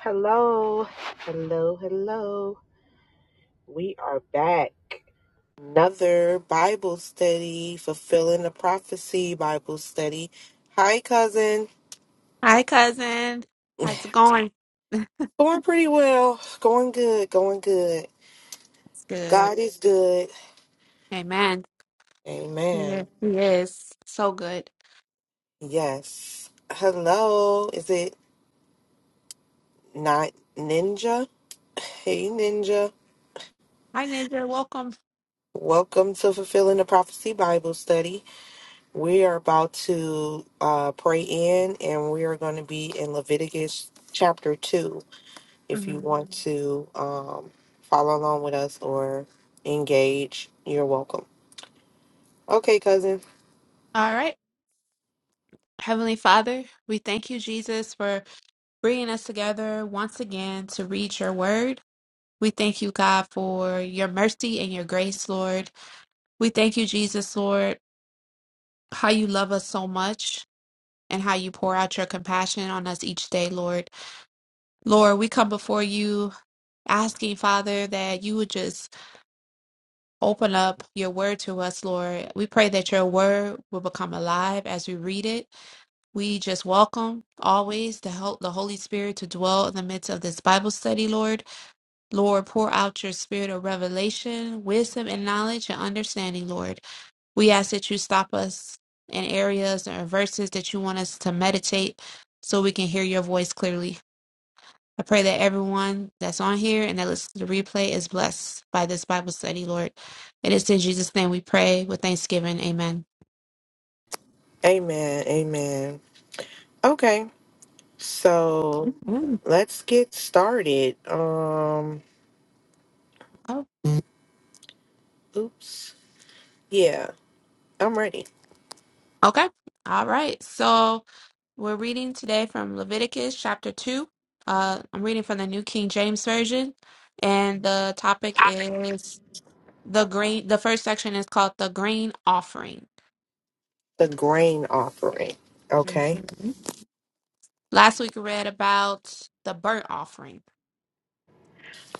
Hello, hello, hello. We are back. Another Bible study, fulfilling the prophecy Bible study. Hi, cousin. Hi, cousin. How's it going? Going pretty well. Going good, going good. It's good. God is good. Amen. Yes, Amen. he is so good. Yes. Hello. Is it not Ninja? Hey, Ninja. Hi, Ninja. Welcome. Welcome to Fulfilling the Prophecy Bible Study. We are about to uh, pray in, and we are going to be in Leviticus chapter 2 if you Mhm. want to um, follow along with us or engage. You're welcome. Okay, cousin. All right. Heavenly Father, we thank you, Jesus, for bringing us together once again to read your word. We thank you, God, for your mercy and your grace, Lord. We thank you, Jesus, Lord, how you love us so much and how you pour out your compassion on us each day, Lord. Lord, we come before you asking, Father, that you would just Open up your word to us, Lord. We pray that your word will become alive as we read it. We just welcome always the help the Holy Spirit to dwell in the midst of this Bible study, Lord. Lord, pour out your spirit of revelation, wisdom, and knowledge and understanding, Lord. We ask that you stop us in areas or verses that you want us to meditate so we can hear your voice clearly. I pray that everyone that's on here and that listens to the replay is blessed by this Bible study, Lord. It is in Jesus' name we pray with thanksgiving. Amen. Amen. Amen. Okay, so Mm, let's get started. Um, Oh, oops. Yeah, I'm ready. okay. All right. So we're reading today from Leviticus chapter 2. Uh, I'm reading from the New King James Version, and the topic is the grain. The first section is called the grain offering. The grain offering. Okay. Mhm. Last week we read about the burnt offering.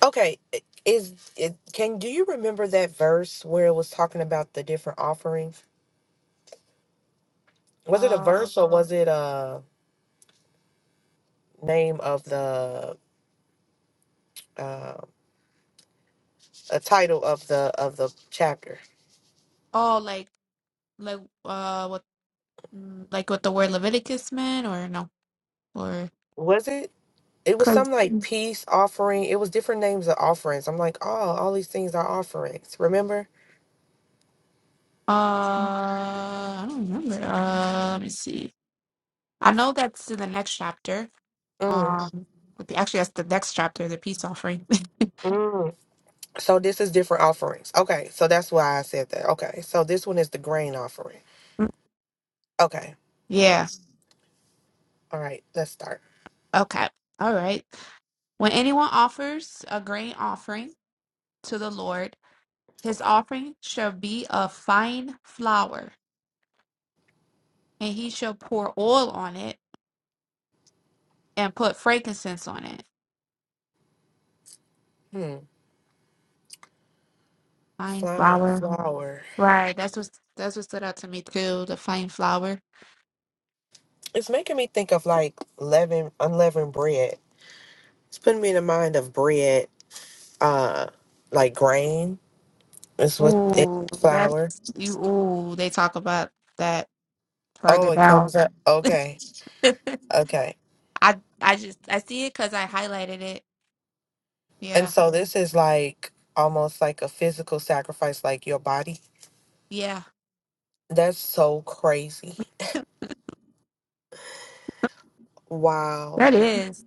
Okay, i- is it can do you remember that verse where it was talking about the different offerings? Was it a Uh, verse or was it a name of the uh, a title of the of the chapter? oh, like like uh, what Mm, Like what the word Leviticus meant, or no, or Was it? It was because some like Mm. peace offering. It was different names of offerings. I'm like, oh, all these things are offerings. Remember? uh, I don't remember. Uh, let me see. I know that's in the next chapter. Mm, Um, with the- actually, that's the next chapter, the peace offering. mm. So this is different offerings. Okay, so that's why I said that. Okay, so this one is the grain offering. Okay, yeah. all right, let's start. Okay. All right. When anyone offers a grain offering to the Lord, his offering shall be of fine flour, and he shall pour oil on it and put frankincense on it. Hmm. Fine Flying flour. flower. Right. That's what that's what stood out to me too. The flame flower. It's making me think of like leaven, unleavened bread. It's putting me in the mind of bread, uh, like grain is what it Ooh, that's flour. you. Ooh, they talk about that further Oh, it down. comes up. Okay, okay. I I just I see it because I highlighted it. And Yeah, so this is like almost like a physical sacrifice, like your body. yeah, That's so crazy. Wow. that is.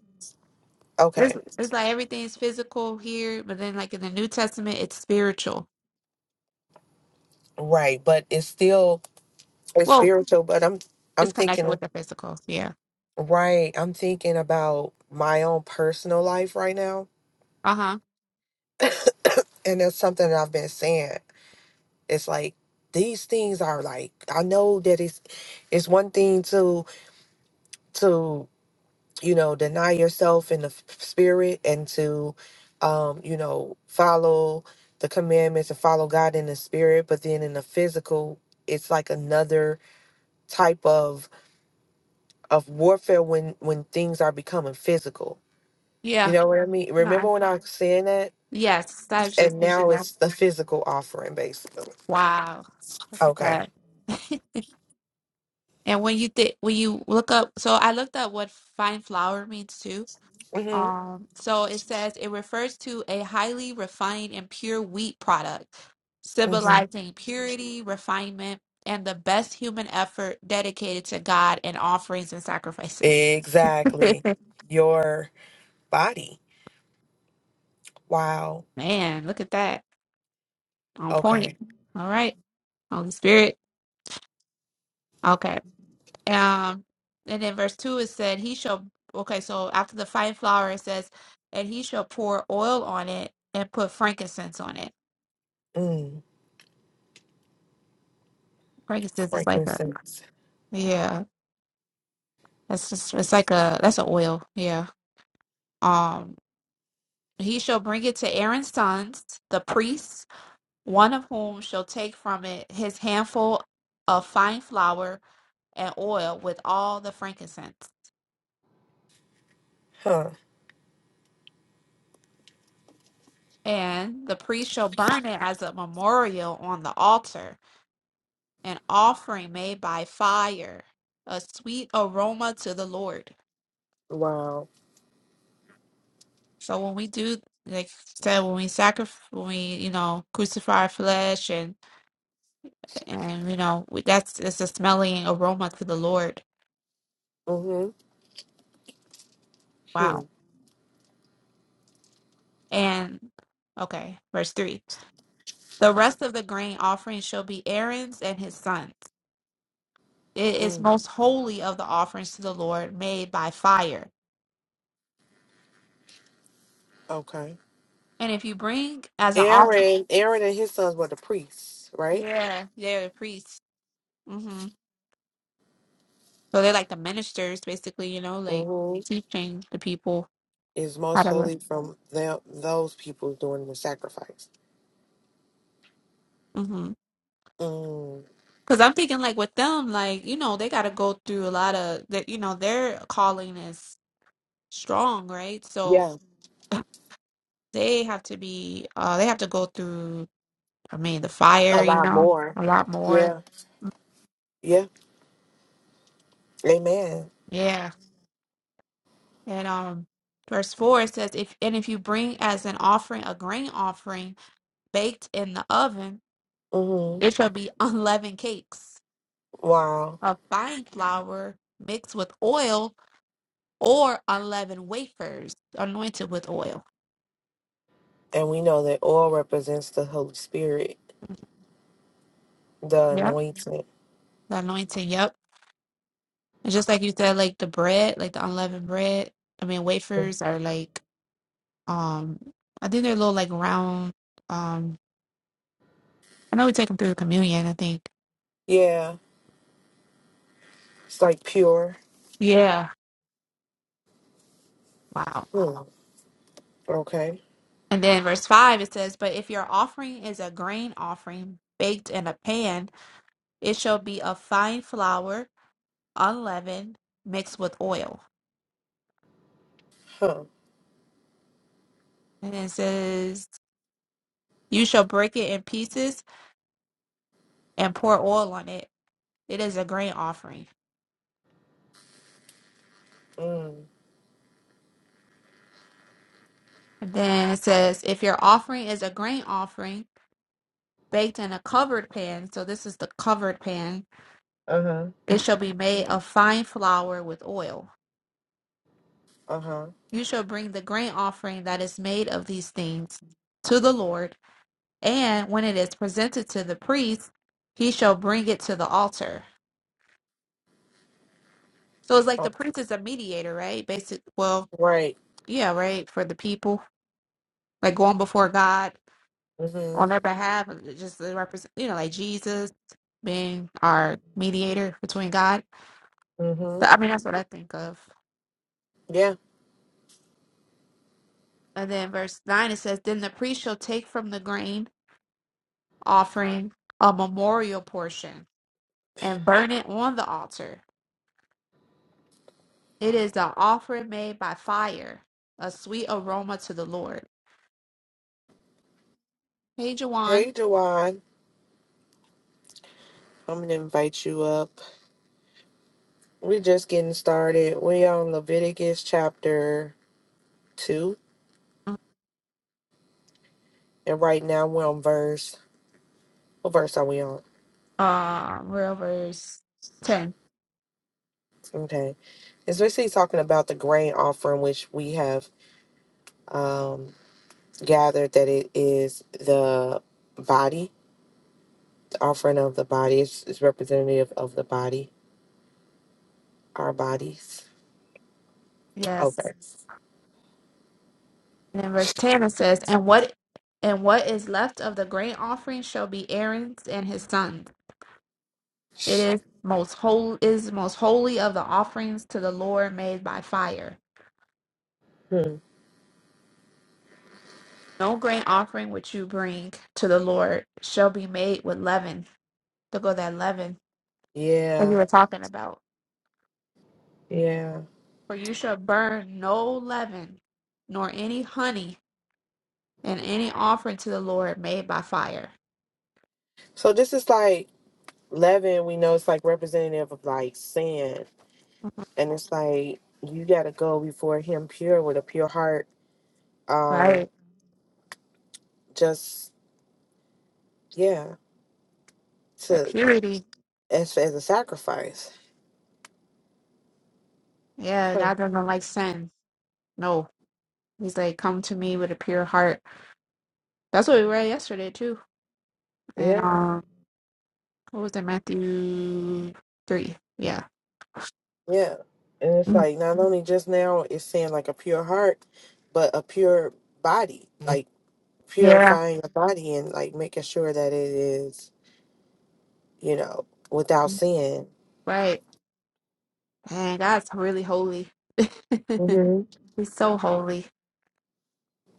There's Okay. it's like everything's physical here, but then like in the New Testament, it's spiritual. Right, but it's still it's Well, spiritual. But I'm I'm it's connected thinking with the physical. Yeah. right. I'm thinking about my own personal life right now, Uh huh. and that's something that I've been saying. It's like these things are like I know that it's it's one thing to to you know deny yourself in the f- spirit and to um you know follow the commandments and follow God in the spirit, but then in the physical it's like another type of of warfare when when things are becoming physical. You Yeah. know what I mean? No. I, Remember when I was saying that? yes. I was just And now thinking. it's the physical offering basically. Wow. Look Okay. at that. And when you think when you look up, so I looked up what fine flour means too. Mhm. Um, so it says it refers to a highly refined and pure wheat product, symbolizing purity, refinement, and the best human effort dedicated to God and offerings and sacrifices. Exactly. Your body. Wow. Man, look at that. On point. Okay. All right. Holy Spirit. Okay. Um, and then verse two it said, "He shall." Okay, so after the fine flour, it says, "And he shall pour oil on it and put frankincense on it." Mm. Frankincense is like a Frankincense. yeah. That's just it's like a that's an oil. Yeah. Um, he shall bring it to Aaron's sons, the priests, one of whom shall take from it his handful of fine flour and oil with all the frankincense, Huh. and the priest shall burn it as a memorial on the altar an offering made by fire, a sweet aroma to the Lord. Wow. So when we do, like I said, when we sacrifice, when we you know crucify our flesh, and and you know we- that's it's a smelling aroma to the Lord. Mm-hmm. Hmm. Wow. And okay, verse three. The rest of the grain offering shall be Aaron's and his sons. It is Mm. most holy of the offerings to the Lord made by fire. Okay. And if you bring as an offering, Aaron, Aaron and his sons were the priests, right? yeah, they're the priest. Mm-hmm. So they're like the ministers, basically, you know, like Mm-hmm. teaching the people Is most how to live. holy from them, those people doing the sacrifice. Mm-hmm. Mm. Because I'm thinking, like with them, like you know, they got to go through a lot of that. You know, their calling is strong, right? So Yeah. they have to be, uh, they have to go through. I mean, the fire, A you lot know, more. a lot more. Yeah. Yeah. Amen. Yeah, and um, verse four it says, if and if you bring as an offering a grain offering baked in the oven, Mm-hmm. it shall be unleavened cakes Wow. of fine flour mixed with oil or unleavened wafers anointed with oil. And we know that oil represents the Holy Spirit, the Yep. anointing. The anointing, yep. And just like you said, like the bread, like the unleavened bread, I mean wafers are like um I think they're little like round um I know we take them through communion, I think. Yeah, it's like pure. Yeah. Wow. Hmm. Okay. And then verse five it says, But if your offering is a grain offering baked in a pan, it shall be of fine flour, unleavened, mixed with oil. Huh. And it says, You shall break it in pieces and pour oil on it. It is a grain offering. Mm. And then it says, If your offering is a grain offering, baked in a covered pan, so this is the covered pan, Uh huh. it shall be made of fine flour with oil. Uh huh. You shall bring the grain offering that is made of these things to the Lord, and when it is presented to the priest, he shall bring it to the altar. So it's like the Oh, priest is a mediator, right? Basic, well, right. yeah, right, for the people like going before God on Mm their behalf, just to represent, you know, like Jesus being hmm. our mediator between God. Mm Th- hmm. I mean, that's what I think of. Yeah. And then verse 9, it says, Then the priest shall take from the grain offering a memorial portion and burn it on the altar. It is an offering made by fire, a sweet aroma to the Lord. Hey, Jawan. Hey, Jawan. I'm gonna invite you up. We're just getting started. We are on Leviticus chapter two, and right now we're on verse. What verse are we on? Uh, we're over s- 10. Okay. It's basically talking about the grain offering, which we have um gathered that it is the body The offering of the body is, is representative of the body, our bodies. Yes. Okay. And in verse 10 it says, And what and what is left of the grain offering shall be Aaron's and his sons. It is most holy is most holy of the offerings to the Lord made by fire. Hmm. No grain offering which you bring to the Lord shall be made with leaven. Look at that leaven that you Yeah, were talking about. yeah. For you shall burn no leaven, nor any honey, in any offering to the Lord made by fire. So this is like leaven. We know it's like representative of like sin, Mhm. and it's like you got to go before Him pure with a pure heart. Um, Right. just yeah, That to purity. as as a sacrifice. Yeah, Huh. God doesn't like sin. No." He's like, come to me with a pure heart. That's what we read yesterday too. And Yeah, um, what was it, Matthew three? Yeah, yeah. And it's Mm. like not only just now it's saying like a pure heart, but a pure body. like. yeah, purifying the body and like making sure that it is, you know, without Mm. sin. right. And God's really holy. hmm He's so holy.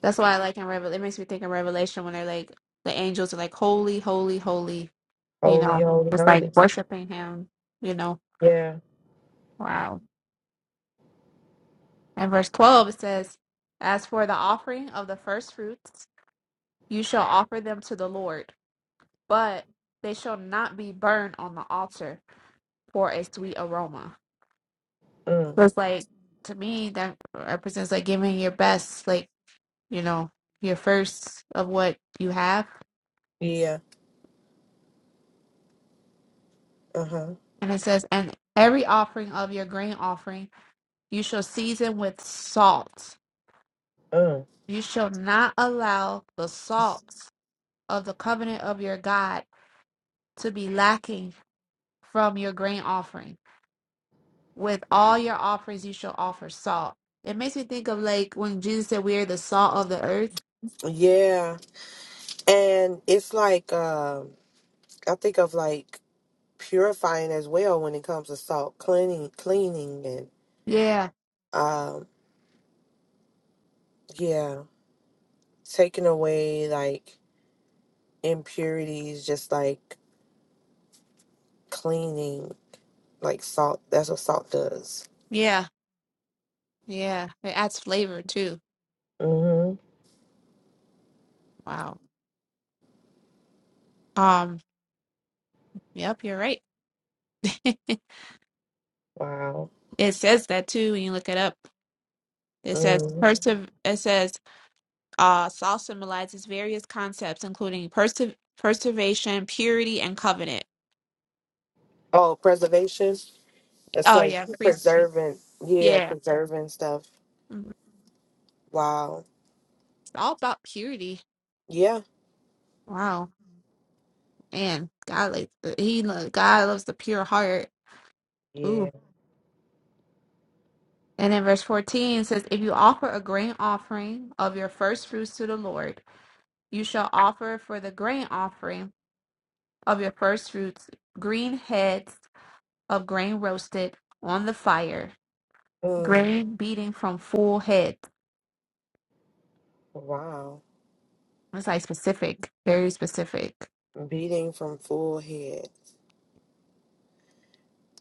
That's why I like in Revelation. It makes me think of Revelation when they're like the angels are like holy, holy, holy. You Holy, know, holy, it's like holy. worshiping Him. You know, Yeah. wow. And verse twelve it says, "As for the offering of the first fruits, you shall offer them to the Lord." but they shall not be burned on the altar for a sweet aroma. Mm. So it's like to me that represents like giving your best, like you know, your first of what you have. Yeah. Uh huh. And it says, and every offering of your grain offering you shall season with salt. Mm. You shall not allow the salt of the covenant of your God to be lacking from your grain offering with all your offerings you shall offer salt. It makes me think of like when Jesus said we are the salt of the earth. Yeah. And it's like um, I think of like purifying as well when it comes to salt, cleaning, cleaning, and Yeah, um, yeah, taking away like impurities, just like cleaning, like salt. That's what salt does. yeah, yeah. It adds flavor too. hmm Wow. Um, yep, you're right. Wow. it says that too when you look it up. It says Mm. persev it says uh salt symbolizes various concepts including perse- preservation, purity, and covenant. Oh, preservation. It's Oh like yeah, priest preserving. Yeah, yeah. preserving stuff. Mhm. It's Wow. all about purity. Yeah. Wow. And God like he lo- God loves the pure heart Yeah. Ooh. And in verse 14 it says, If you offer a grain offering of your first fruits to the Lord, you shall offer for the grain offering of your first fruits green heads of grain roasted on the fire, Mm. grain beating from full heads. Wow. It's like specific, very specific. Beating from full head.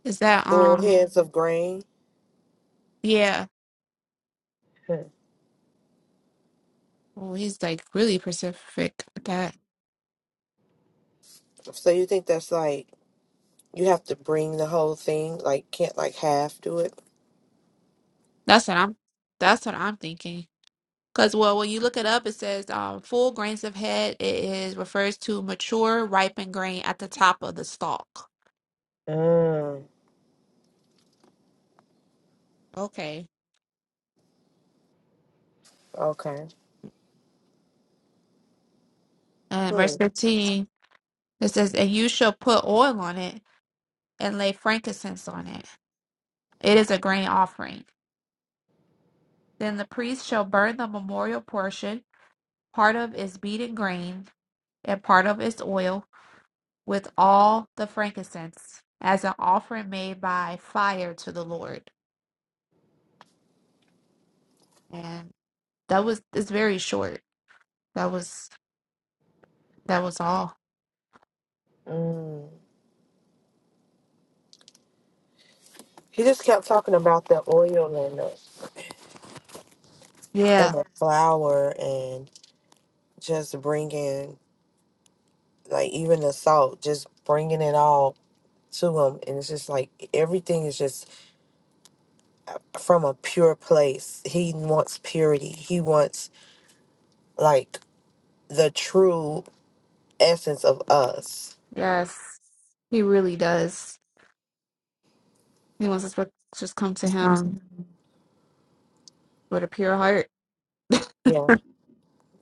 Is that Full um heads of grain. yeah. Hmm. Well he's like really specific with that. So you think that's like you have to bring the whole thing? Like can't like half do it? That's what I'm that's what I'm thinking. Because well, when you look it up, it says um, full grains of head. It is refers to mature, ripened grain at the top of the stalk. Mm. Okay. Okay. And Hmm. verse fifteen, it says, "And you shall put oil on it and lay frankincense on it. It is a grain offering. Then the priest shall burn the memorial portion, part of its beaten grain and part of its oil, with all the frankincense, as an offering made by fire to the Lord." And that was it's very short. That was That was all. Mm. He just kept talking about the oil and the and Yeah. the flour and just bringing like even the salt, just bringing it all to him, and it's just like everything is just from a pure place. He wants purity. He wants like the true essence of us. Yes. He really does. He wants us to just come to him with a pure heart. Yeah.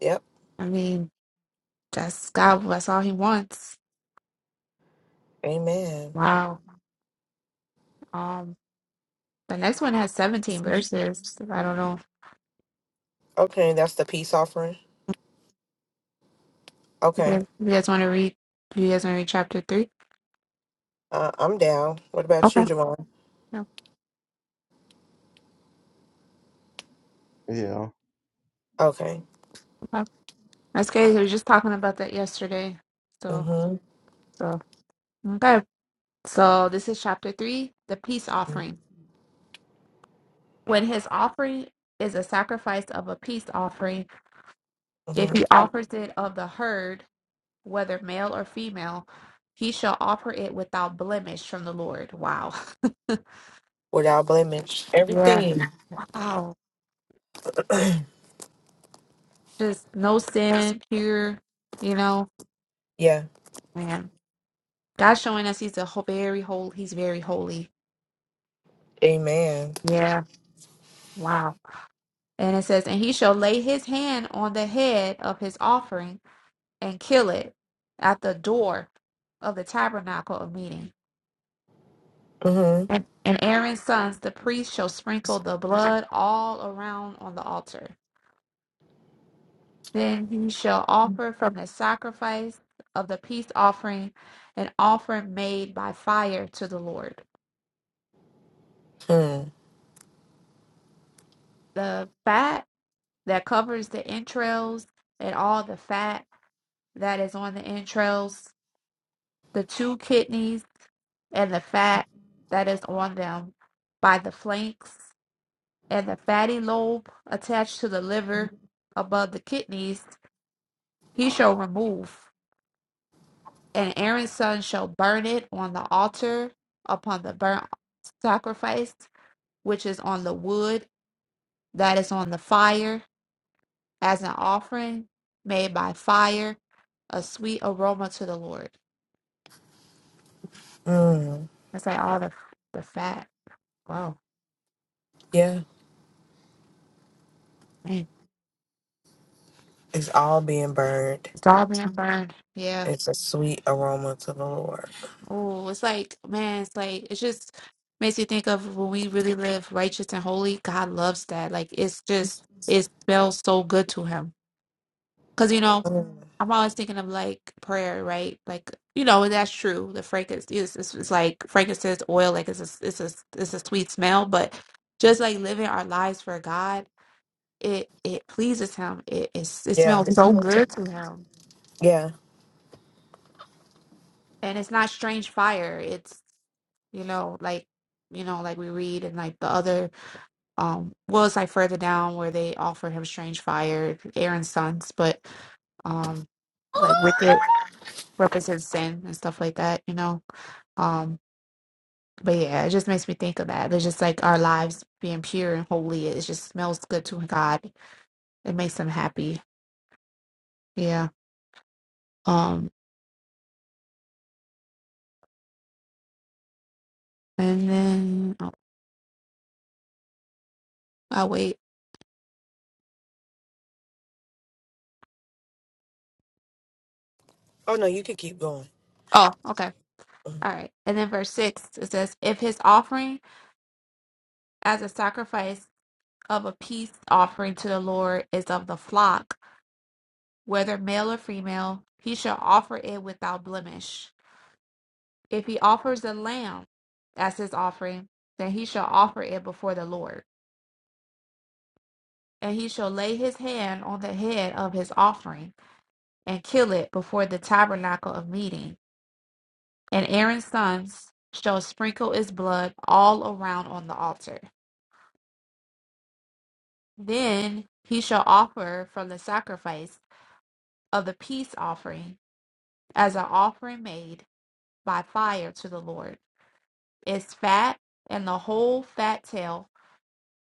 Yep. I mean, that's God. That's all he wants. Amen. Wow. Um, the next one has 17 verses. I don't know. Okay, that's the peace offering. You Okay, guys, you guys want to read? You guys want to read chapter three? uh, I'm down. What about you, Okay. Jamal? No, Yeah. Okay. okay. That's great. We were just talking about that yesterday. So, Mm-hmm. so okay. So this is chapter three, the peace offering. When his offering is a sacrifice of a peace offering. If Mm-hmm. he offers it of the herd, whether male or female, he shall offer it without blemish from the Lord. Wow. Without blemish. Yeah. Everything. Wow. Just no sin, pure, you know, Yeah. man. God's showing us he's a ho- very holy, he's very holy. Amen. Yeah. Wow. And it says, and he shall lay his hand on the head of his offering and kill it at the door of the tabernacle of meeting. Mm-hmm. And, and Aaron's sons, the priests, shall sprinkle the blood all around on the altar. Then he shall offer from the sacrifice of the peace offering an offering made by fire to the Lord. Hmm. The fat that covers the entrails and all the fat that is on the entrails, the two kidneys and the fat that is on them by the flanks, and the fatty lobe attached to the liver above the kidneys He shall remove, and Aaron's son shall burn it on the altar upon the burnt sacrifice, which is on the wood that is on the fire, as an offering made by fire, a sweet aroma to the Lord. Mm. That's like all the the fat. Wow, Yeah. man, It's all being burned. it's all being burned. Yeah. It's a sweet aroma to the Lord. Oh, it's like man, it's like it just makes you think of when we really live righteous and holy. God loves that. Like it's just it smells so good to Him. Cause you know Mm, I'm always thinking of like prayer, right? Like you know, and that's true. The frankincense is it's, it's like frankincense oil, like it's a, it's a it's a sweet smell, but just like living our lives for God, it it pleases Him. It it's, it Yeah. smells It so smells so- good to Him, Yeah. and it's not strange fire. It's you know like you know like we read and like the other um well it's like further down where they offer him strange fire aaron's sons but um like wicked represents sin and stuff like that you know um But yeah, it just makes me think of that. It's just like our lives being pure and holy. It just smells good to God. It makes him happy. Yeah. Um. And then oh, I wait. Oh no, you could keep going. Oh, okay. Mm. All right. And then verse six it says, "If his offering as a sacrifice of a peace offering to the Lord is of the flock, whether male or female, he shall offer it without blemish. If he offers a lamb as his offering, then he shall offer it before the Lord." and he shall lay his hand on the head of his offering, and kill it before the tabernacle of meeting. And Aaron's sons shall sprinkle its blood all around on the altar. Then he shall offer from the sacrifice of the peace offering as an offering made by fire to the Lord its fat and the whole fat tail,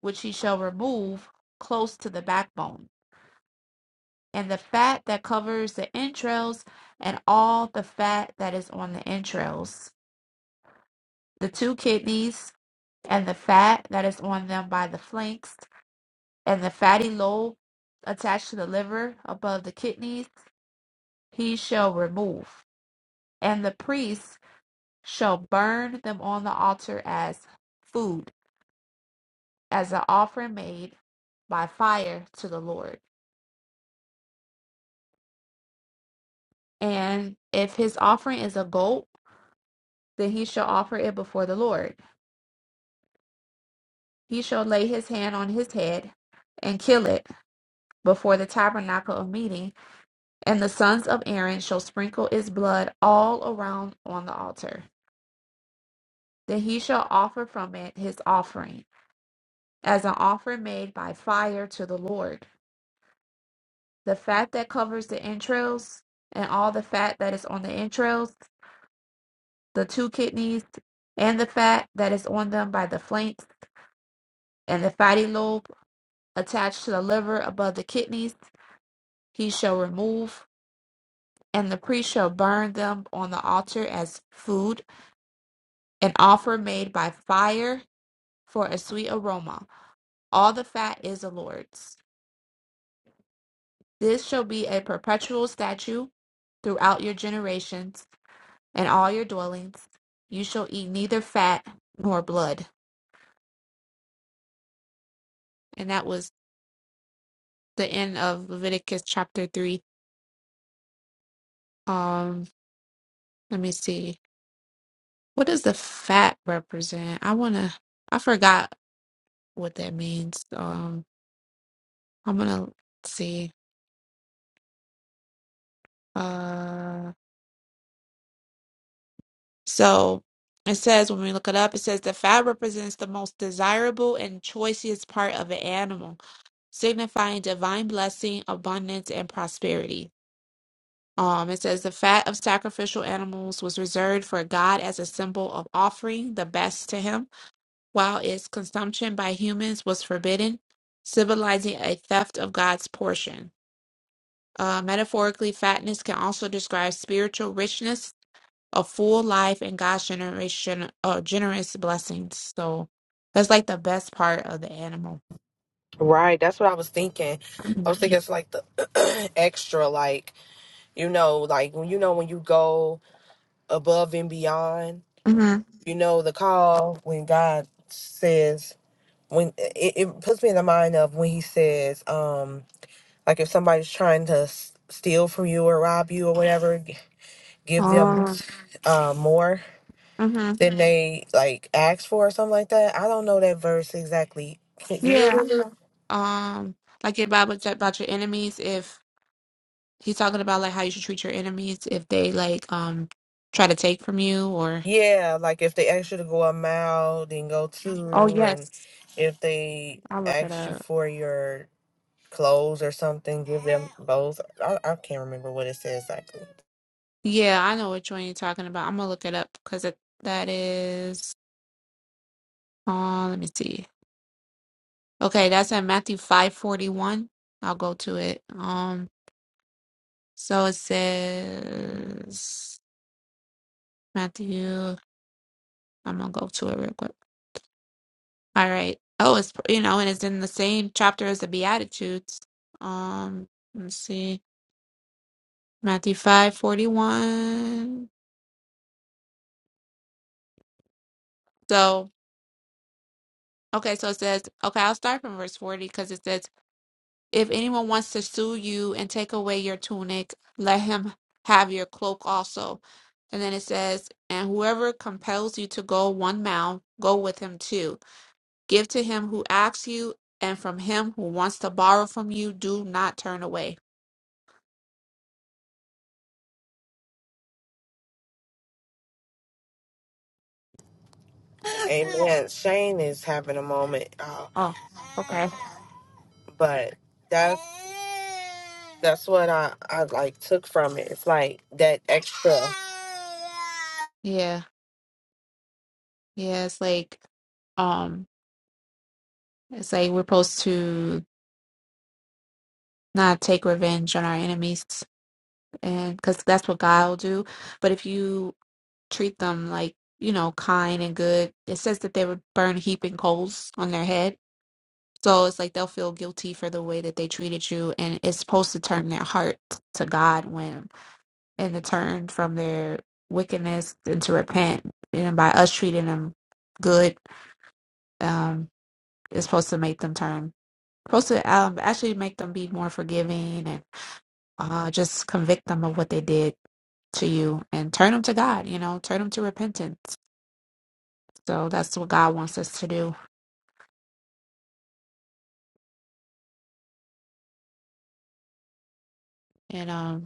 which he shall remove close to the backbone and the fat that covers the entrails, and all the fat that is on the entrails, the two kidneys, and the fat that is on them by the flanks, and the fatty lobe attached to the liver above the kidneys, he shall remove. And the priest shall burn them on the altar as food, as an offering made by fire to the Lord. And if his offering is a goat, then he shall offer it before the Lord He shall lay his hand on his head and kill it before the tabernacle of meeting, and the sons of Aaron shall sprinkle its blood all around on the altar. Then he shall offer from it his offering, as an offering made by fire to the Lord. The fat that covers the entrails, and all the fat that is on the entrails, the two kidneys, and the fat that is on them by the flanks, and the fatty lobe attached to the liver above the kidneys, he shall remove and the priest shall burn them on the altar as food, an offer made by fire for a sweet aroma. All the fat is the Lord's. This shall be a perpetual statute throughout your generations and all your dwellings. You shall eat neither fat nor blood. And that was the end of Leviticus chapter 3. Um, let me see. What does the fat represent? I want to, I forgot what that means. Um, I'm going to see. Uh, so it says when we look it up, it says the fat represents the most desirable and choicest part of an animal, signifying divine blessing, abundance, and prosperity. Um, it says the fat of sacrificial animals was reserved for God as a symbol of offering the best to Him, while its consumption by humans was forbidden, symbolizing a theft of God's portion. Uh, metaphorically, fatness can also describe spiritual richness a full life and God's generation uh generous blessings. So that's like the best part of the animal. Right, that's what I was thinking. I Mm-hmm. was thinking it's like the extra, like you know, like when you know when you go above and beyond, Mm-hmm. you know, the call when God says when it, it puts me in the mind of when He says, um, like if somebody's trying to s- steal from you or rob you or whatever, g- give them Oh. uh, more hmm than they like asked for or something like that. I don't know that verse exactly. Can- Do you Yeah. remember? Um, like your Bible said about your enemies, if he's talking about like how you should treat your enemies if they like um try to take from you or Yeah, like if they ask you to go a mile, then go Oh two, and yes. if they I'll look it ask you up. for your clothes or something, give them both. I, I can't remember what it says exactly. Yeah, I know which one you're talking about. I'm gonna look it up because it that is uh let me see. Okay, that's at Matthew five forty one. I'll go to it. Um. So it says Matthew. I'm gonna go to it real quick. All right. Oh, it's you know, and it's in the same chapter as the Beatitudes. Um, let's see, Matthew five forty one. So okay, so it says okay. I'll start from verse forty because it says, "If anyone wants to sue you and take away your tunic, let him have your cloak also." And then it says, "And whoever compels you to go one mile, go with him too." Give to him who asks you, and from him who wants to borrow from you, do not turn away. Amen. Shane is having a moment, uh, Oh, okay. but that's that's what I I like took from it. It's like that extra. Yeah. Yeah, it's like um it's like we're supposed to not take revenge on our enemies and because that's what god will do but if you treat them like you know kind and good it says that they would burn heaping coals on their head so it's like they'll feel guilty for the way that they treated you and it's supposed to turn their heart to god when and to turn from their wickedness and to repent. And by us treating them good, um, it's supposed to make them turn. Supposed to um, actually make them be more forgiving and uh, just convict them of what they did to you and turn them to God. You know, turn them to repentance. So that's what God wants us to do. And um.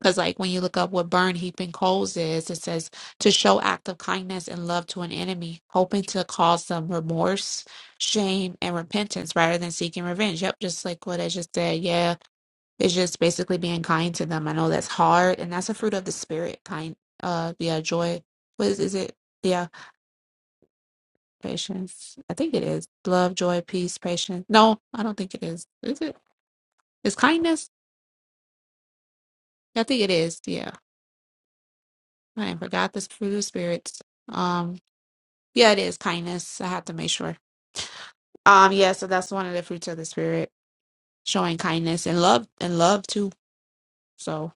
Because, like, when you look up what burn heaping coals is, it says to show act of kindness and love to an enemy, hoping to cause them remorse, shame, and repentance rather than seeking revenge. Yep, just like what I just said. Yeah, it's just basically being kind to them. I know that's hard, and that's a fruit of the spirit. Kind, uh, yeah, joy. What is, is it? Yeah, patience. I think it is love, joy, peace, patience. No, I don't think it is. Is it? Is kindness? I think it is. Yeah, I forgot this fruit of spirits. Um, Yeah, it is kindness. I have to make sure. Um, yeah, so that's one of the fruits of the spirit, showing kindness and love and love too. So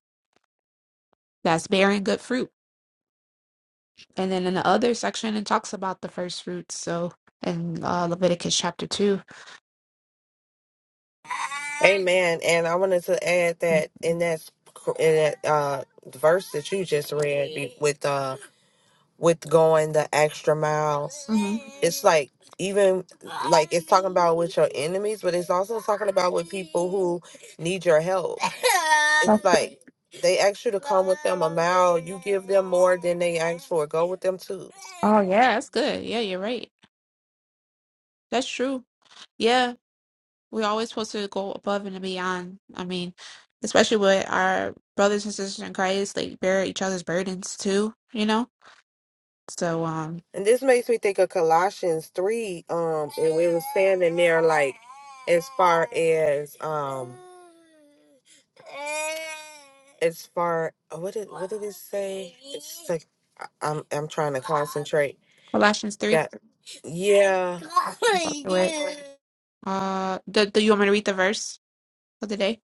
that's bearing good fruit. And then in the other section, it talks about the first fruits. So in uh, Leviticus chapter 2 Hey, Amen. And I wanted to add that in that sc- in that uh, verse that you just read be- with uh with going the extra miles, Mm-hmm. it's like even like it's talking about with your enemies, but it's also talking about with people who need your help. It's like they ask you to come with them a mile, you give them more than they ask for. Go with them too. oh yeah, that's good. Yeah, you're right. That's true. Yeah, we're always supposed to go above and beyond. I mean, especially with our brothers and sisters in Christ, like bear each other's burdens too. You know. So um, And this makes me think of Colossians 3, um, and we were standing there like as far as um as far oh, what did what did it say? It's like I- I'm I'm trying to concentrate. Colossians three. Got yeah. Uh, do, do you want me to read the verse for the day?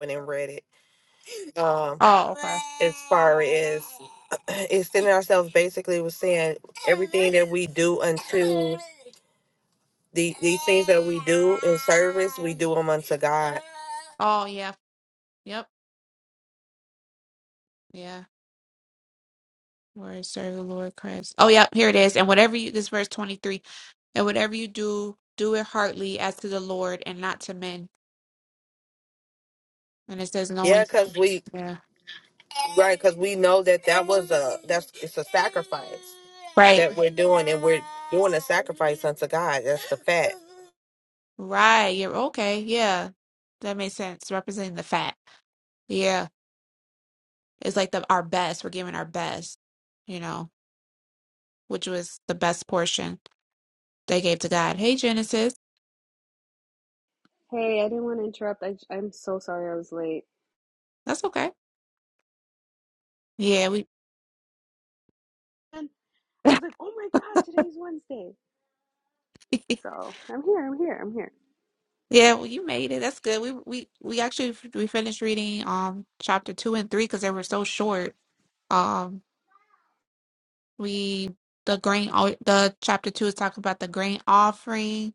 When I read it. Um Oh, okay. as far as extending ourselves basically was saying everything that we do unto The, these things that we do in service, we do them unto God. Oh, yeah. Yep. Yeah. Where serve the Lord Christ. Oh, yeah. Here it is. And whatever you, this is verse 23, and whatever you do, do it heartily as to the Lord and not to men. And it says, Yeah, knowing. cause we Yeah. right, cause we know that that was a that's it's a sacrifice Right. that we're doing, and we're doing a sacrifice unto God. That's the fact. Right. You're okay. Yeah. That makes sense. Representing the fat. Yeah. It's like the our best. We're giving our best, you know, which was the best portion they gave to God. Hey, Genesis. Hey, I didn't want to interrupt. I, I'm so sorry I was late. That's okay. Yeah. We. And I was like, oh my God, today's Wednesday. So I'm here, I'm here, I'm here. Yeah, well, you made it. That's good. We we we actually f- we finished reading um chapter two and three because they were so short. Um, we the grain o- the chapter two is talking about the grain offering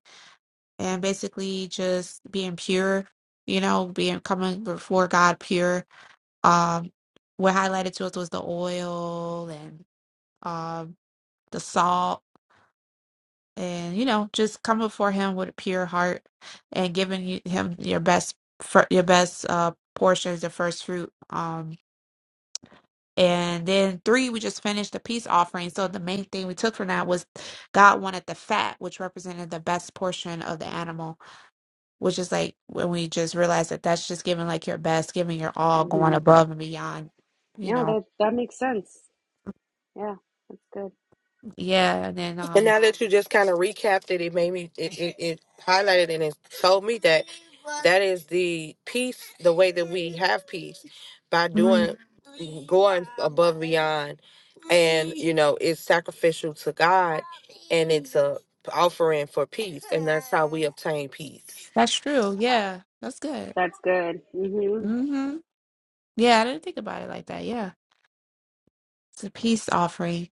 and basically just being pure, you know, being coming before God pure. Um, what highlighted to us was the oil and um the salt and you know just come before him with a pure heart and giving you- him your best fir- your best uh portions the first fruit um and then three we just finished the peace offering so the main thing we took from that was god wanted the fat which represented the best portion of the animal which is like when we just realize that that's just giving like your best giving your all going hmm above and beyond you Yeah, know that, that makes sense. Yeah, that's good. yeah and then And um now that you just kind of recapped it, it made me it it, it highlighted it and it told me that that is the peace, the way that we have peace by mhm, doing, going above beyond, and you know it's sacrificial to God, and it's a offering for peace, and that's how we obtain peace. that's true yeah that's good That's good. hmm hmm yeah i didn't think about it like that yeah It's a peace offering.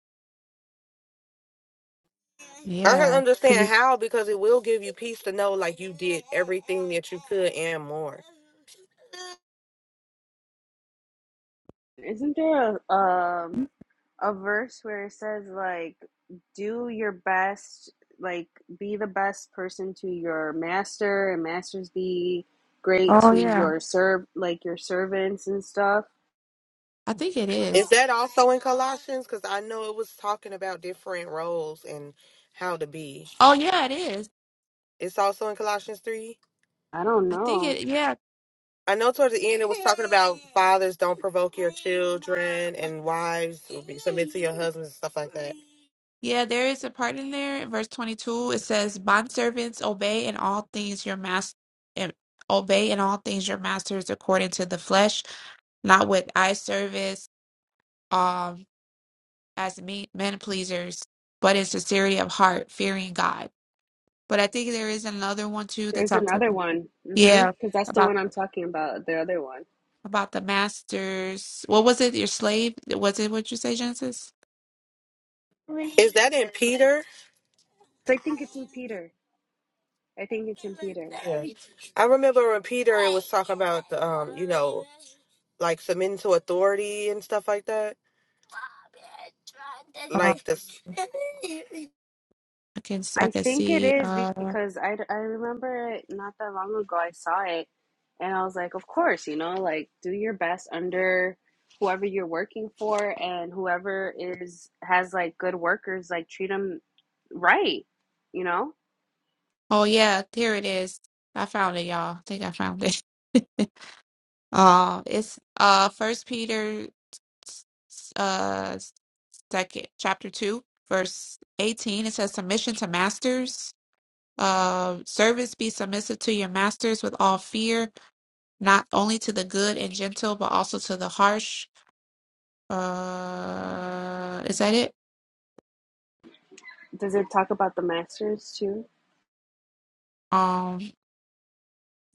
I can Yeah. Could understand be- how because it will give you peace to know like you did everything that you could and more. Isn't there a, um, a verse where it says, like, do your best, like, be the best person to your master, and masters be great Oh to yeah. your serv, like, your servants and stuff? I think it Is is. that also in Colossians? Because I know it was talking about different roles and how to be. Oh yeah, it is. It's also in Colossians 3. I don't I think know. it yeah. I know towards the end it was talking about fathers don't provoke your children and wives will be submit to your husbands and stuff like that. Yeah, there is a part in there, verse twenty two. It says, Bond servants obey in all things your master and obey in all things your masters according to the flesh, not with eye service, um, as me men pleasers, but in sincerity of heart, fearing God. But I think there is another one too that There's talks another about one. Mm-hmm. yeah. Because that's the about. one I'm talking about, the other one. about the masters. What was it? Your slave? Was it what you say, Genesis? Is that in Peter? So I think it's in Peter. I think it's in Peter. Yeah. I remember when Peter it was talking about the, um, you know, like submitting to authority and stuff like that. Uh, Like this I can s- I I can think it see. is be- Uh, because I, I remember it not that long ago. I saw it and I was like, of course, you know, like do your best under whoever you're working for and whoever is has like good workers, like treat them right, you know? oh yeah, here it is. I found it, y'all. I think I found it. uh, it's uh First Peter, s- s- uh second chapter two, verse eighteen. It says, "Submission to masters." Uh, servants be submissive to your masters with all fear, not only to the good and gentle, but also to the harsh. Uh, is that it? Does it talk about the masters too? Um,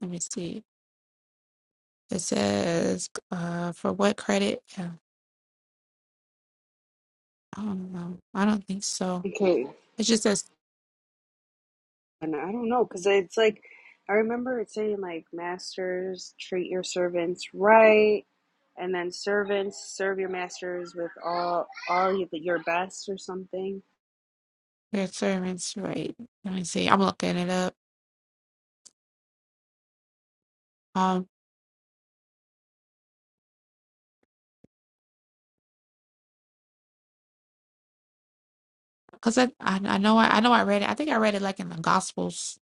let me see. It says, uh, for what credit? Yeah, I don't know. I don't think so. Okay. It just says And I don't know, because it's like, I remember it saying, like, masters, treat your servants right. And then servants, serve your masters with all, all y- your best or something. their servants, right? Let me see. I'm looking it up. Um, cause I, I, I know I, I know I read it. I think I read it like in the Gospels.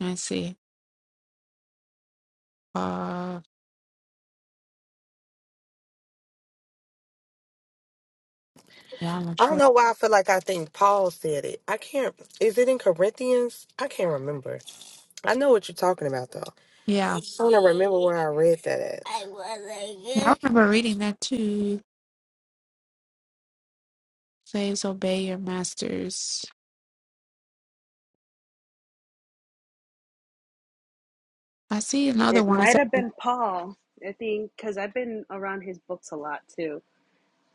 Let me see. Uh, yeah, I'm not I don't sure. know why I feel like I think Paul said it. I can't is it in Corinthians? I can't remember. I know what you're talking about, though. Yeah, I want to remember where I read that at. yeah. I remember reading that too. Slaves obey your masters. I see another It one. It might says- have been Paul, I think, because I've been around his books a lot too.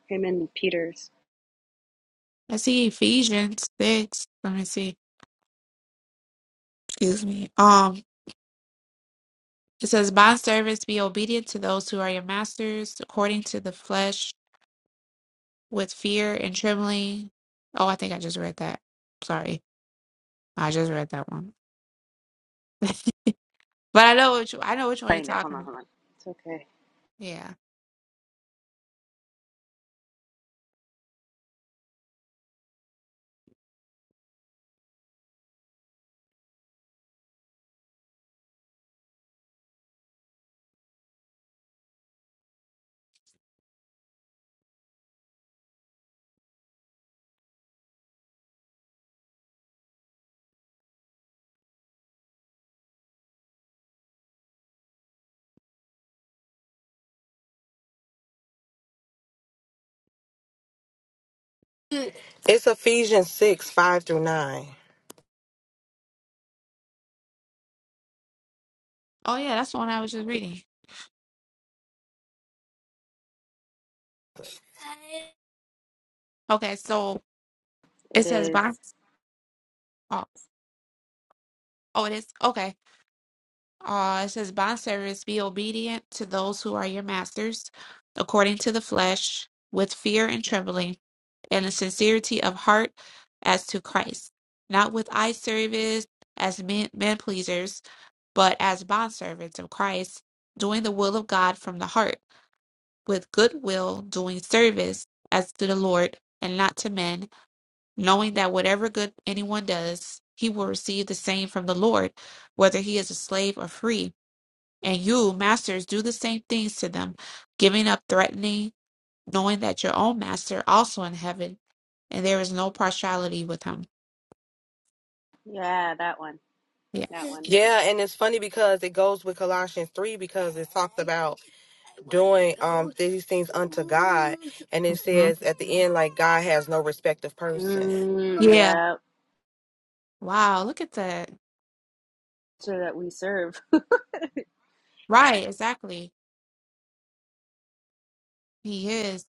Him and Peter's. I see Ephesians six. Let me see. Excuse me. Um. It says, Bond servants, be obedient to those who are your masters according to the flesh with fear and trembling. Oh, I think I just read that. Sorry. I just read that one. but I know which I know which one you're Find it. Hold talking on, about. hold on. It's okay. Yeah. It's Ephesians 6, 5 through 9. Oh yeah, that's the one I was just reading. Okay, so it It says is. bond oh, oh it is okay. Uh, it says, Bond servants, be obedient to those who are your masters, according to the flesh, with fear and trembling, and a sincerity of heart as to Christ, not with eye service as men, men pleasers, but as bondservants of Christ, doing the will of God from the heart, with good will, doing service as to the Lord and not to men, knowing that whatever good anyone does, he will receive the same from the Lord, whether he is a slave or free and you, masters, do the same things to them, giving up threatening, knowing that your own master also in heaven, and there is no partiality with him. Yeah, that one. Yeah. That one. Yeah, and it's funny because it goes with Colossians 3 because it talks about doing um these things unto God. And it Mhm. says at the end, like, God has no respect of person. Mm, Yeah. yeah. Wow, look at that. So that we serve Right, exactly. He is.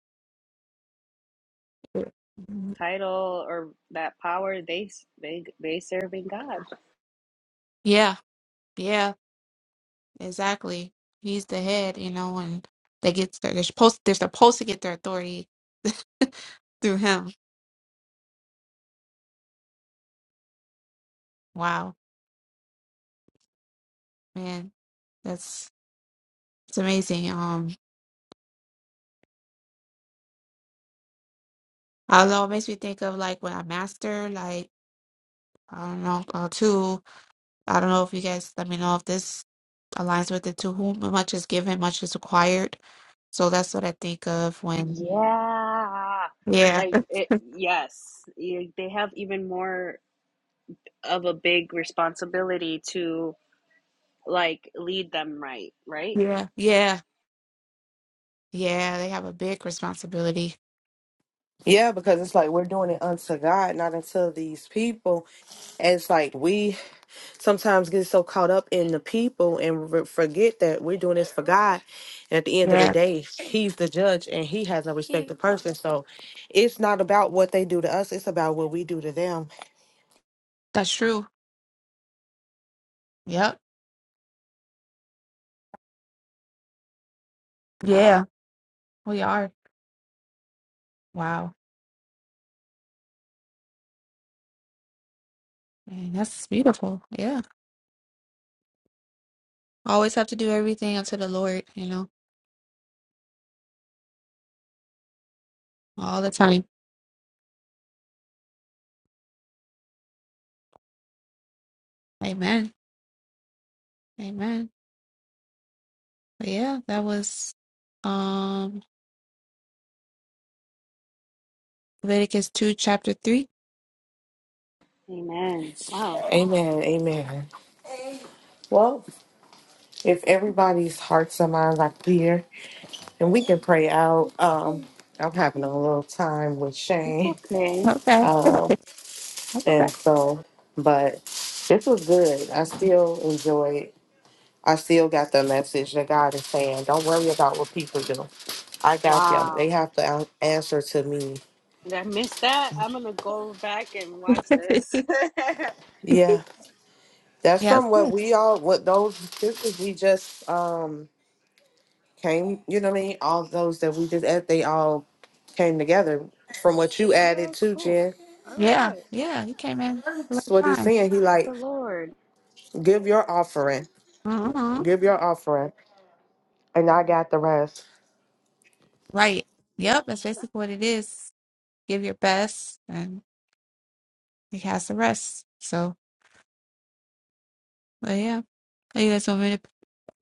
Mhm. title or that power they they they serving God. Yeah, yeah, exactly. He's the head, you know, and they get their, they're supposed they're supposed to get their authority through him. Wow, man, that's it's amazing. Um, I don't know, it makes me think of like when I master, like. I don't know. Uh, two, I don't know if you guys let me know if this aligns with it too. Whom much is given, much is required. So that's what I think of when, Yeah. yeah, Like it, yes, You- they have even more of a big responsibility to like lead them right, right? yeah, yeah, yeah, they have a big responsibility. Yeah, because it's like we're doing it unto God, not unto these people. And it's like we sometimes get so caught up in the people and re- forget that we're doing this for God. And at the end of the Yeah, day, He's the judge and He has no respect to person. So it's not about what they do to us, it's about what we do to them. that's true. Yep. Yeah, we are. Wow. Man, that's beautiful. Yeah. Always have to do everything unto the Lord, you know, all the time. Amen. Amen. But yeah, that was um Leviticus 2, chapter 3. Amen. Wow. Amen. Amen. Well, if everybody's hearts and minds are clear, and we can pray out. Um, I'm having a little time with It's Shane, okay. Okay. um, and so, but this was good. I still enjoyed. I still got the message that God is saying, don't worry about what people do. I got them. They Wow. have to an- answer to me. Did I miss that? I'm gonna go back and watch Okay. this. Yeah. That's Yeah, it's from what good. we all, what those scriptures we just um came, you know what I mean? All those that we just add, they all came together from Okay. what you All added right, too, cool. Jen. All Yeah, right. yeah, he came in the right That's what he's time. saying. He like, The Lord. give your offering, hmm give your offering, and I got the rest. Right. Yep, that's basically what it is. Give your best, and he has the rest. So, but yeah, are you guys want me to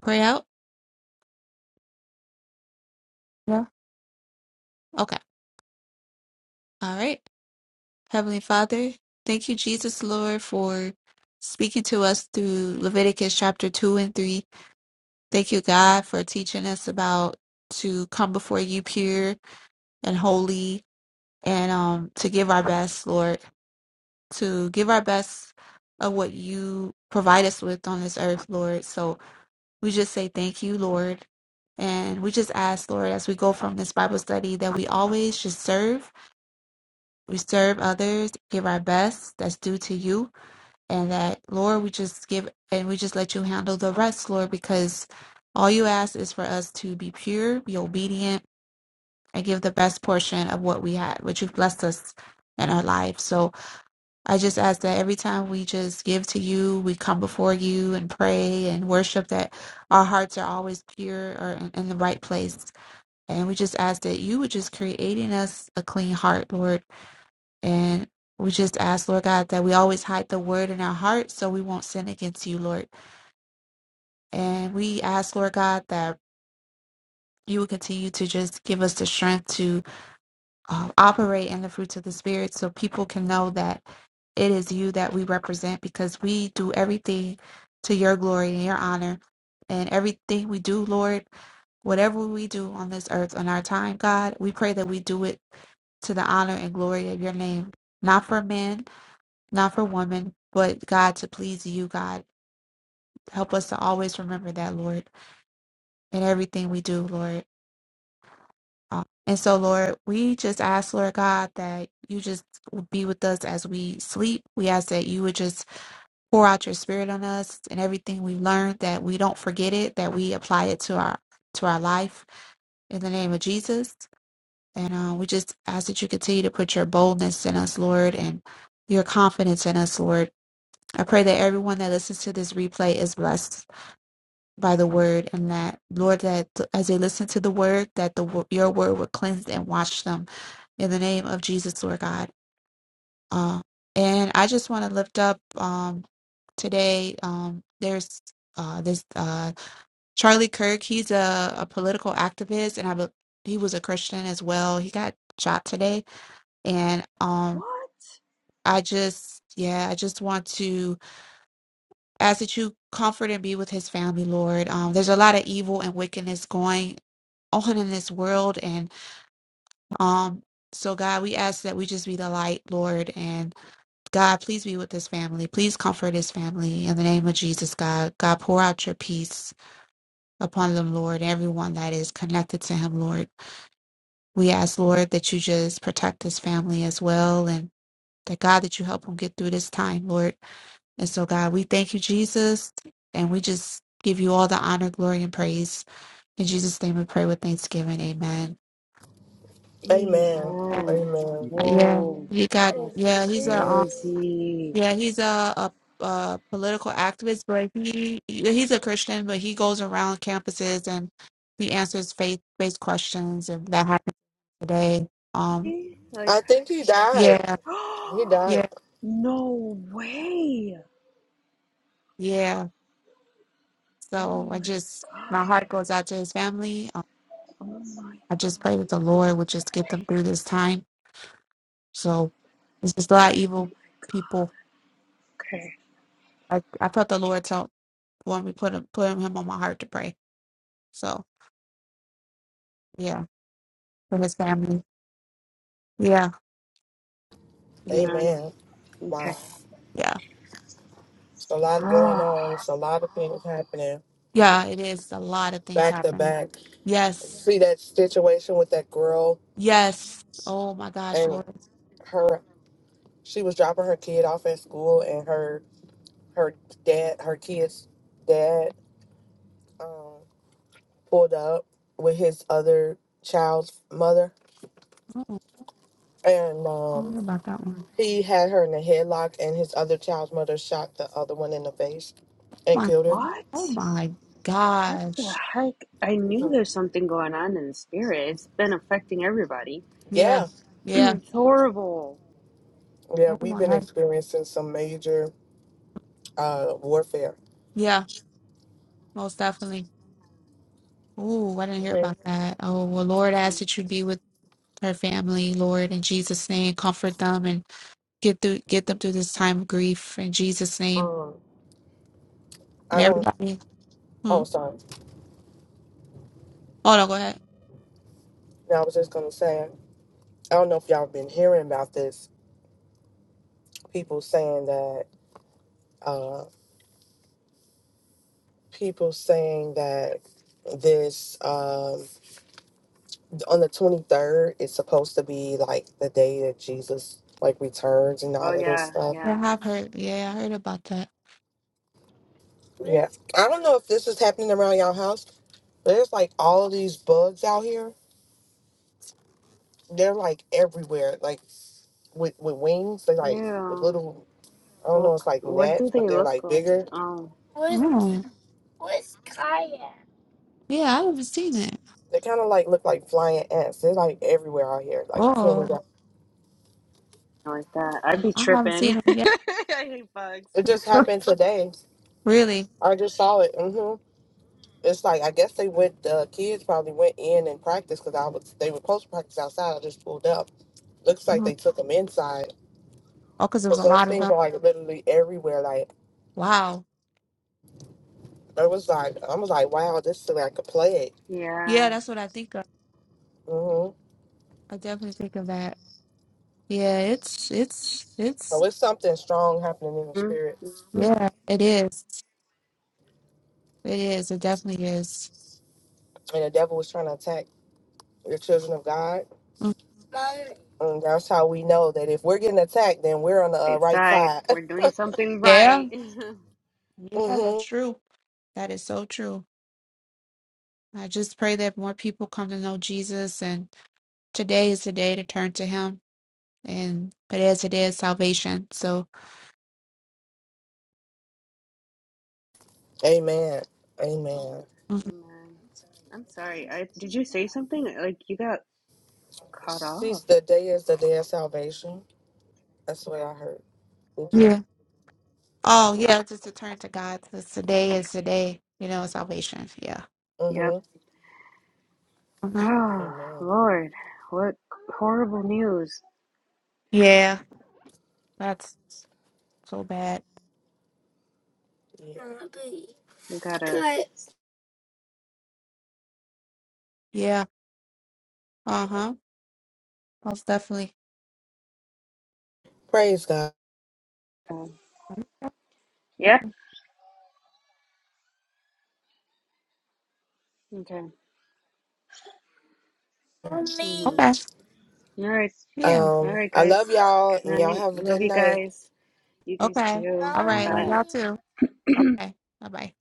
pray out? Yeah. Okay. All right. Heavenly Father, thank you, Jesus Lord, for speaking to us through Leviticus chapter two and three. Thank you, God, for teaching us about to come before you pure and holy, and um to give our best, Lord. to give our best of what you provide us with on this earth, Lord. So we just say thank you, Lord. And we just ask, Lord, as we go from this Bible study, that we always just serve. We serve others, give our best that's due to you. And that, Lord, we just give and we just let you handle the rest, Lord, because all you ask is for us to be pure, be obedient, and give the best portion of what we had, what you've blessed us in our life. So I just ask that every time we just give to you, we come before you and pray and worship, that our hearts are always pure or in, in the right place. And we just ask that you would just create in us a clean heart, Lord. And we just ask, Lord God, that we always hide the word in our heart so we won't sin against you, Lord. And we ask, Lord God, that you would continue to just give us the strength to. um, operate in the fruits of the spirit so people can know that it is you that we represent because we do everything to your glory and your honor and everything we do lord whatever we do on this earth on our time god we pray that we do it to the honor and glory of your name not for men not for women but god to please you god help us to always remember that lord in everything we do lord Um, And so, Lord, we just ask, Lord God, that you just would be with us as we sleep. We ask that you would just pour out your spirit on us and everything we've learned, that we don't forget it, that we apply it to our to our life in the name of Jesus. And uh, we just ask that you continue to put your boldness in us, Lord, and your confidence in us, Lord. I pray that everyone that listens to this replay is blessed by the word, and that Lord, that as they listen to the word, that the wo- your word will cleanse and wash them in the name of Jesus, Lord God. Um, and I just want to lift up um, today. Um, there's uh, this uh, Charlie Kirk. He's a, a political activist, and I be- he was a Christian as well. He got shot today, and um, What? I just yeah, I just want to ask that you comfort and be with his family, Lord. Um, there's a lot of evil and wickedness going on in this world, and um, so God, we ask that we just be the light, Lord, and God, please be with this family. Please comfort this family in the name of Jesus, God. God, pour out your peace upon them, Lord. Everyone that is connected to him, Lord. We ask, Lord, that you just protect this family as well and that God, that you help them get through this time, Lord. And so, God, we thank you, Jesus, and we just give you all the honor, glory, and praise. In Jesus' name we pray with thanksgiving. Amen. Amen. Uh, Amen. Amen. Mhm. Yeah. Whoa. He got That's yeah, he's a um, crazy. Yeah, he's a, a a political activist, but he yeah, he's a Christian, but he goes around campuses and he answers faith based questions and that happens today. Um Like I think he died. yeah, He died. yeah, No way. yeah. Oh So I my just my heart god. goes out to his family. Um, Oh my I god. just pray that the Lord would just get them through this time. So it's just a lot of Oh my- evil people. Okay. I I felt the Lord told want me put him put him on my heart to pray. So yeah, for his family. Yeah, yeah, Man. Amen. Wow. Okay. yeah. It's a lot going Ah. on. It's a lot of things happening Yeah, it is. A lot of things back to happen. back. You Yes. See that situation with that girl Yes. Oh my gosh, and Lord. her. She was dropping her kid off at school, and her her dad, her kid's dad, um, pulled up with his other child's mother, Oh, and I didn't um, hear about that one. he had her in a headlock, and his other child's mother shot the other one in the face and My- killed her. what? Oh my What the gosh. heck? I knew Mhm. there's something going on in the spirit. It's been affecting everybody. Yeah. Yeah, Yeah. It's horrible. yeah, Oh we've my been God. experiencing some major uh, warfare. Yeah, most definitely. Ooh, I didn't hear Mhm. about that. Oh, well, Lord, I ask that you be with her family, Lord, in Jesus' name. Comfort them and get through get them through this time of grief in Jesus' name. Um, And I don't. everybody. Hmm. Oh, sorry. Oh no, go ahead. Now I was just gonna say. I don't know if y'all been hearing about this. People saying that. Uh, people saying that this um on the twenty third is supposed to be like the day that Jesus like returns and Oh all of this yeah, stuff. yeah. Yeah, I've heard. Yeah, I heard about that. Yeah. I don't know if this is happening around y'all house, but there's like all of these bugs out here. They're like everywhere. Like with with wings. they like Yeah. little. I don't know. Well, It's c- like what do gnats, but they they're look like like? bigger Oh, Mm. Yeah, I haven't seen it. They kind of like look like flying ants. They're like everywhere out here. Like you can't move Oh, even. like that. I'd be I haven't tripping. seen I them yet. hate bugs. It just happened today. Really? I just saw it. hmm It's like I guess they went. The kids probably went in and practiced because I was. They were supposed to practice outside. I just pulled up. Looks like Mhm. they took them inside Oh, because there was because a those lot of things them. are like literally everywhere. Like Wow. it was like, I was like, wow, this is like a plague. Yeah, Yeah. that's what I think of. hmm I definitely think of that. Yeah, it's it's So it's it's something strong happening in the mm spirit, mm. mm. yeah, it is. It is. It definitely is. and the devil was trying to attack the children of God. Mm. And that's how we know that if we're getting attacked, then we're on the uh, Right right side. side. We're doing something Yeah. right. Yeah, hmm that's true. That is so true. I just pray that more people come to know Jesus and today is the day to turn to him and today is the day of salvation. So Amen. Amen. Amen. I'm sorry. I did you say something? Like you got cut She's off. the day is the day of salvation. That's what I heard. Mhm. Oh yeah, just to turn to God. Cause today is the day, you know, of salvation. Yeah. Yep. Mm-hmm. hmm Oh Amen. Lord, what horrible news. Yeah, that's so bad. Yeah. We gotta. Yeah. Uh huh. Most definitely. Praise God. Um, yep. Mm-hmm. Okay. Mhm. Okay. All right. Yeah. All Um, right, I love guys. y'all Good and y'all night. have a Love good you night. guys. You guys Okay. too. All right. Love Bye. y'all too. Okay. Bye bye.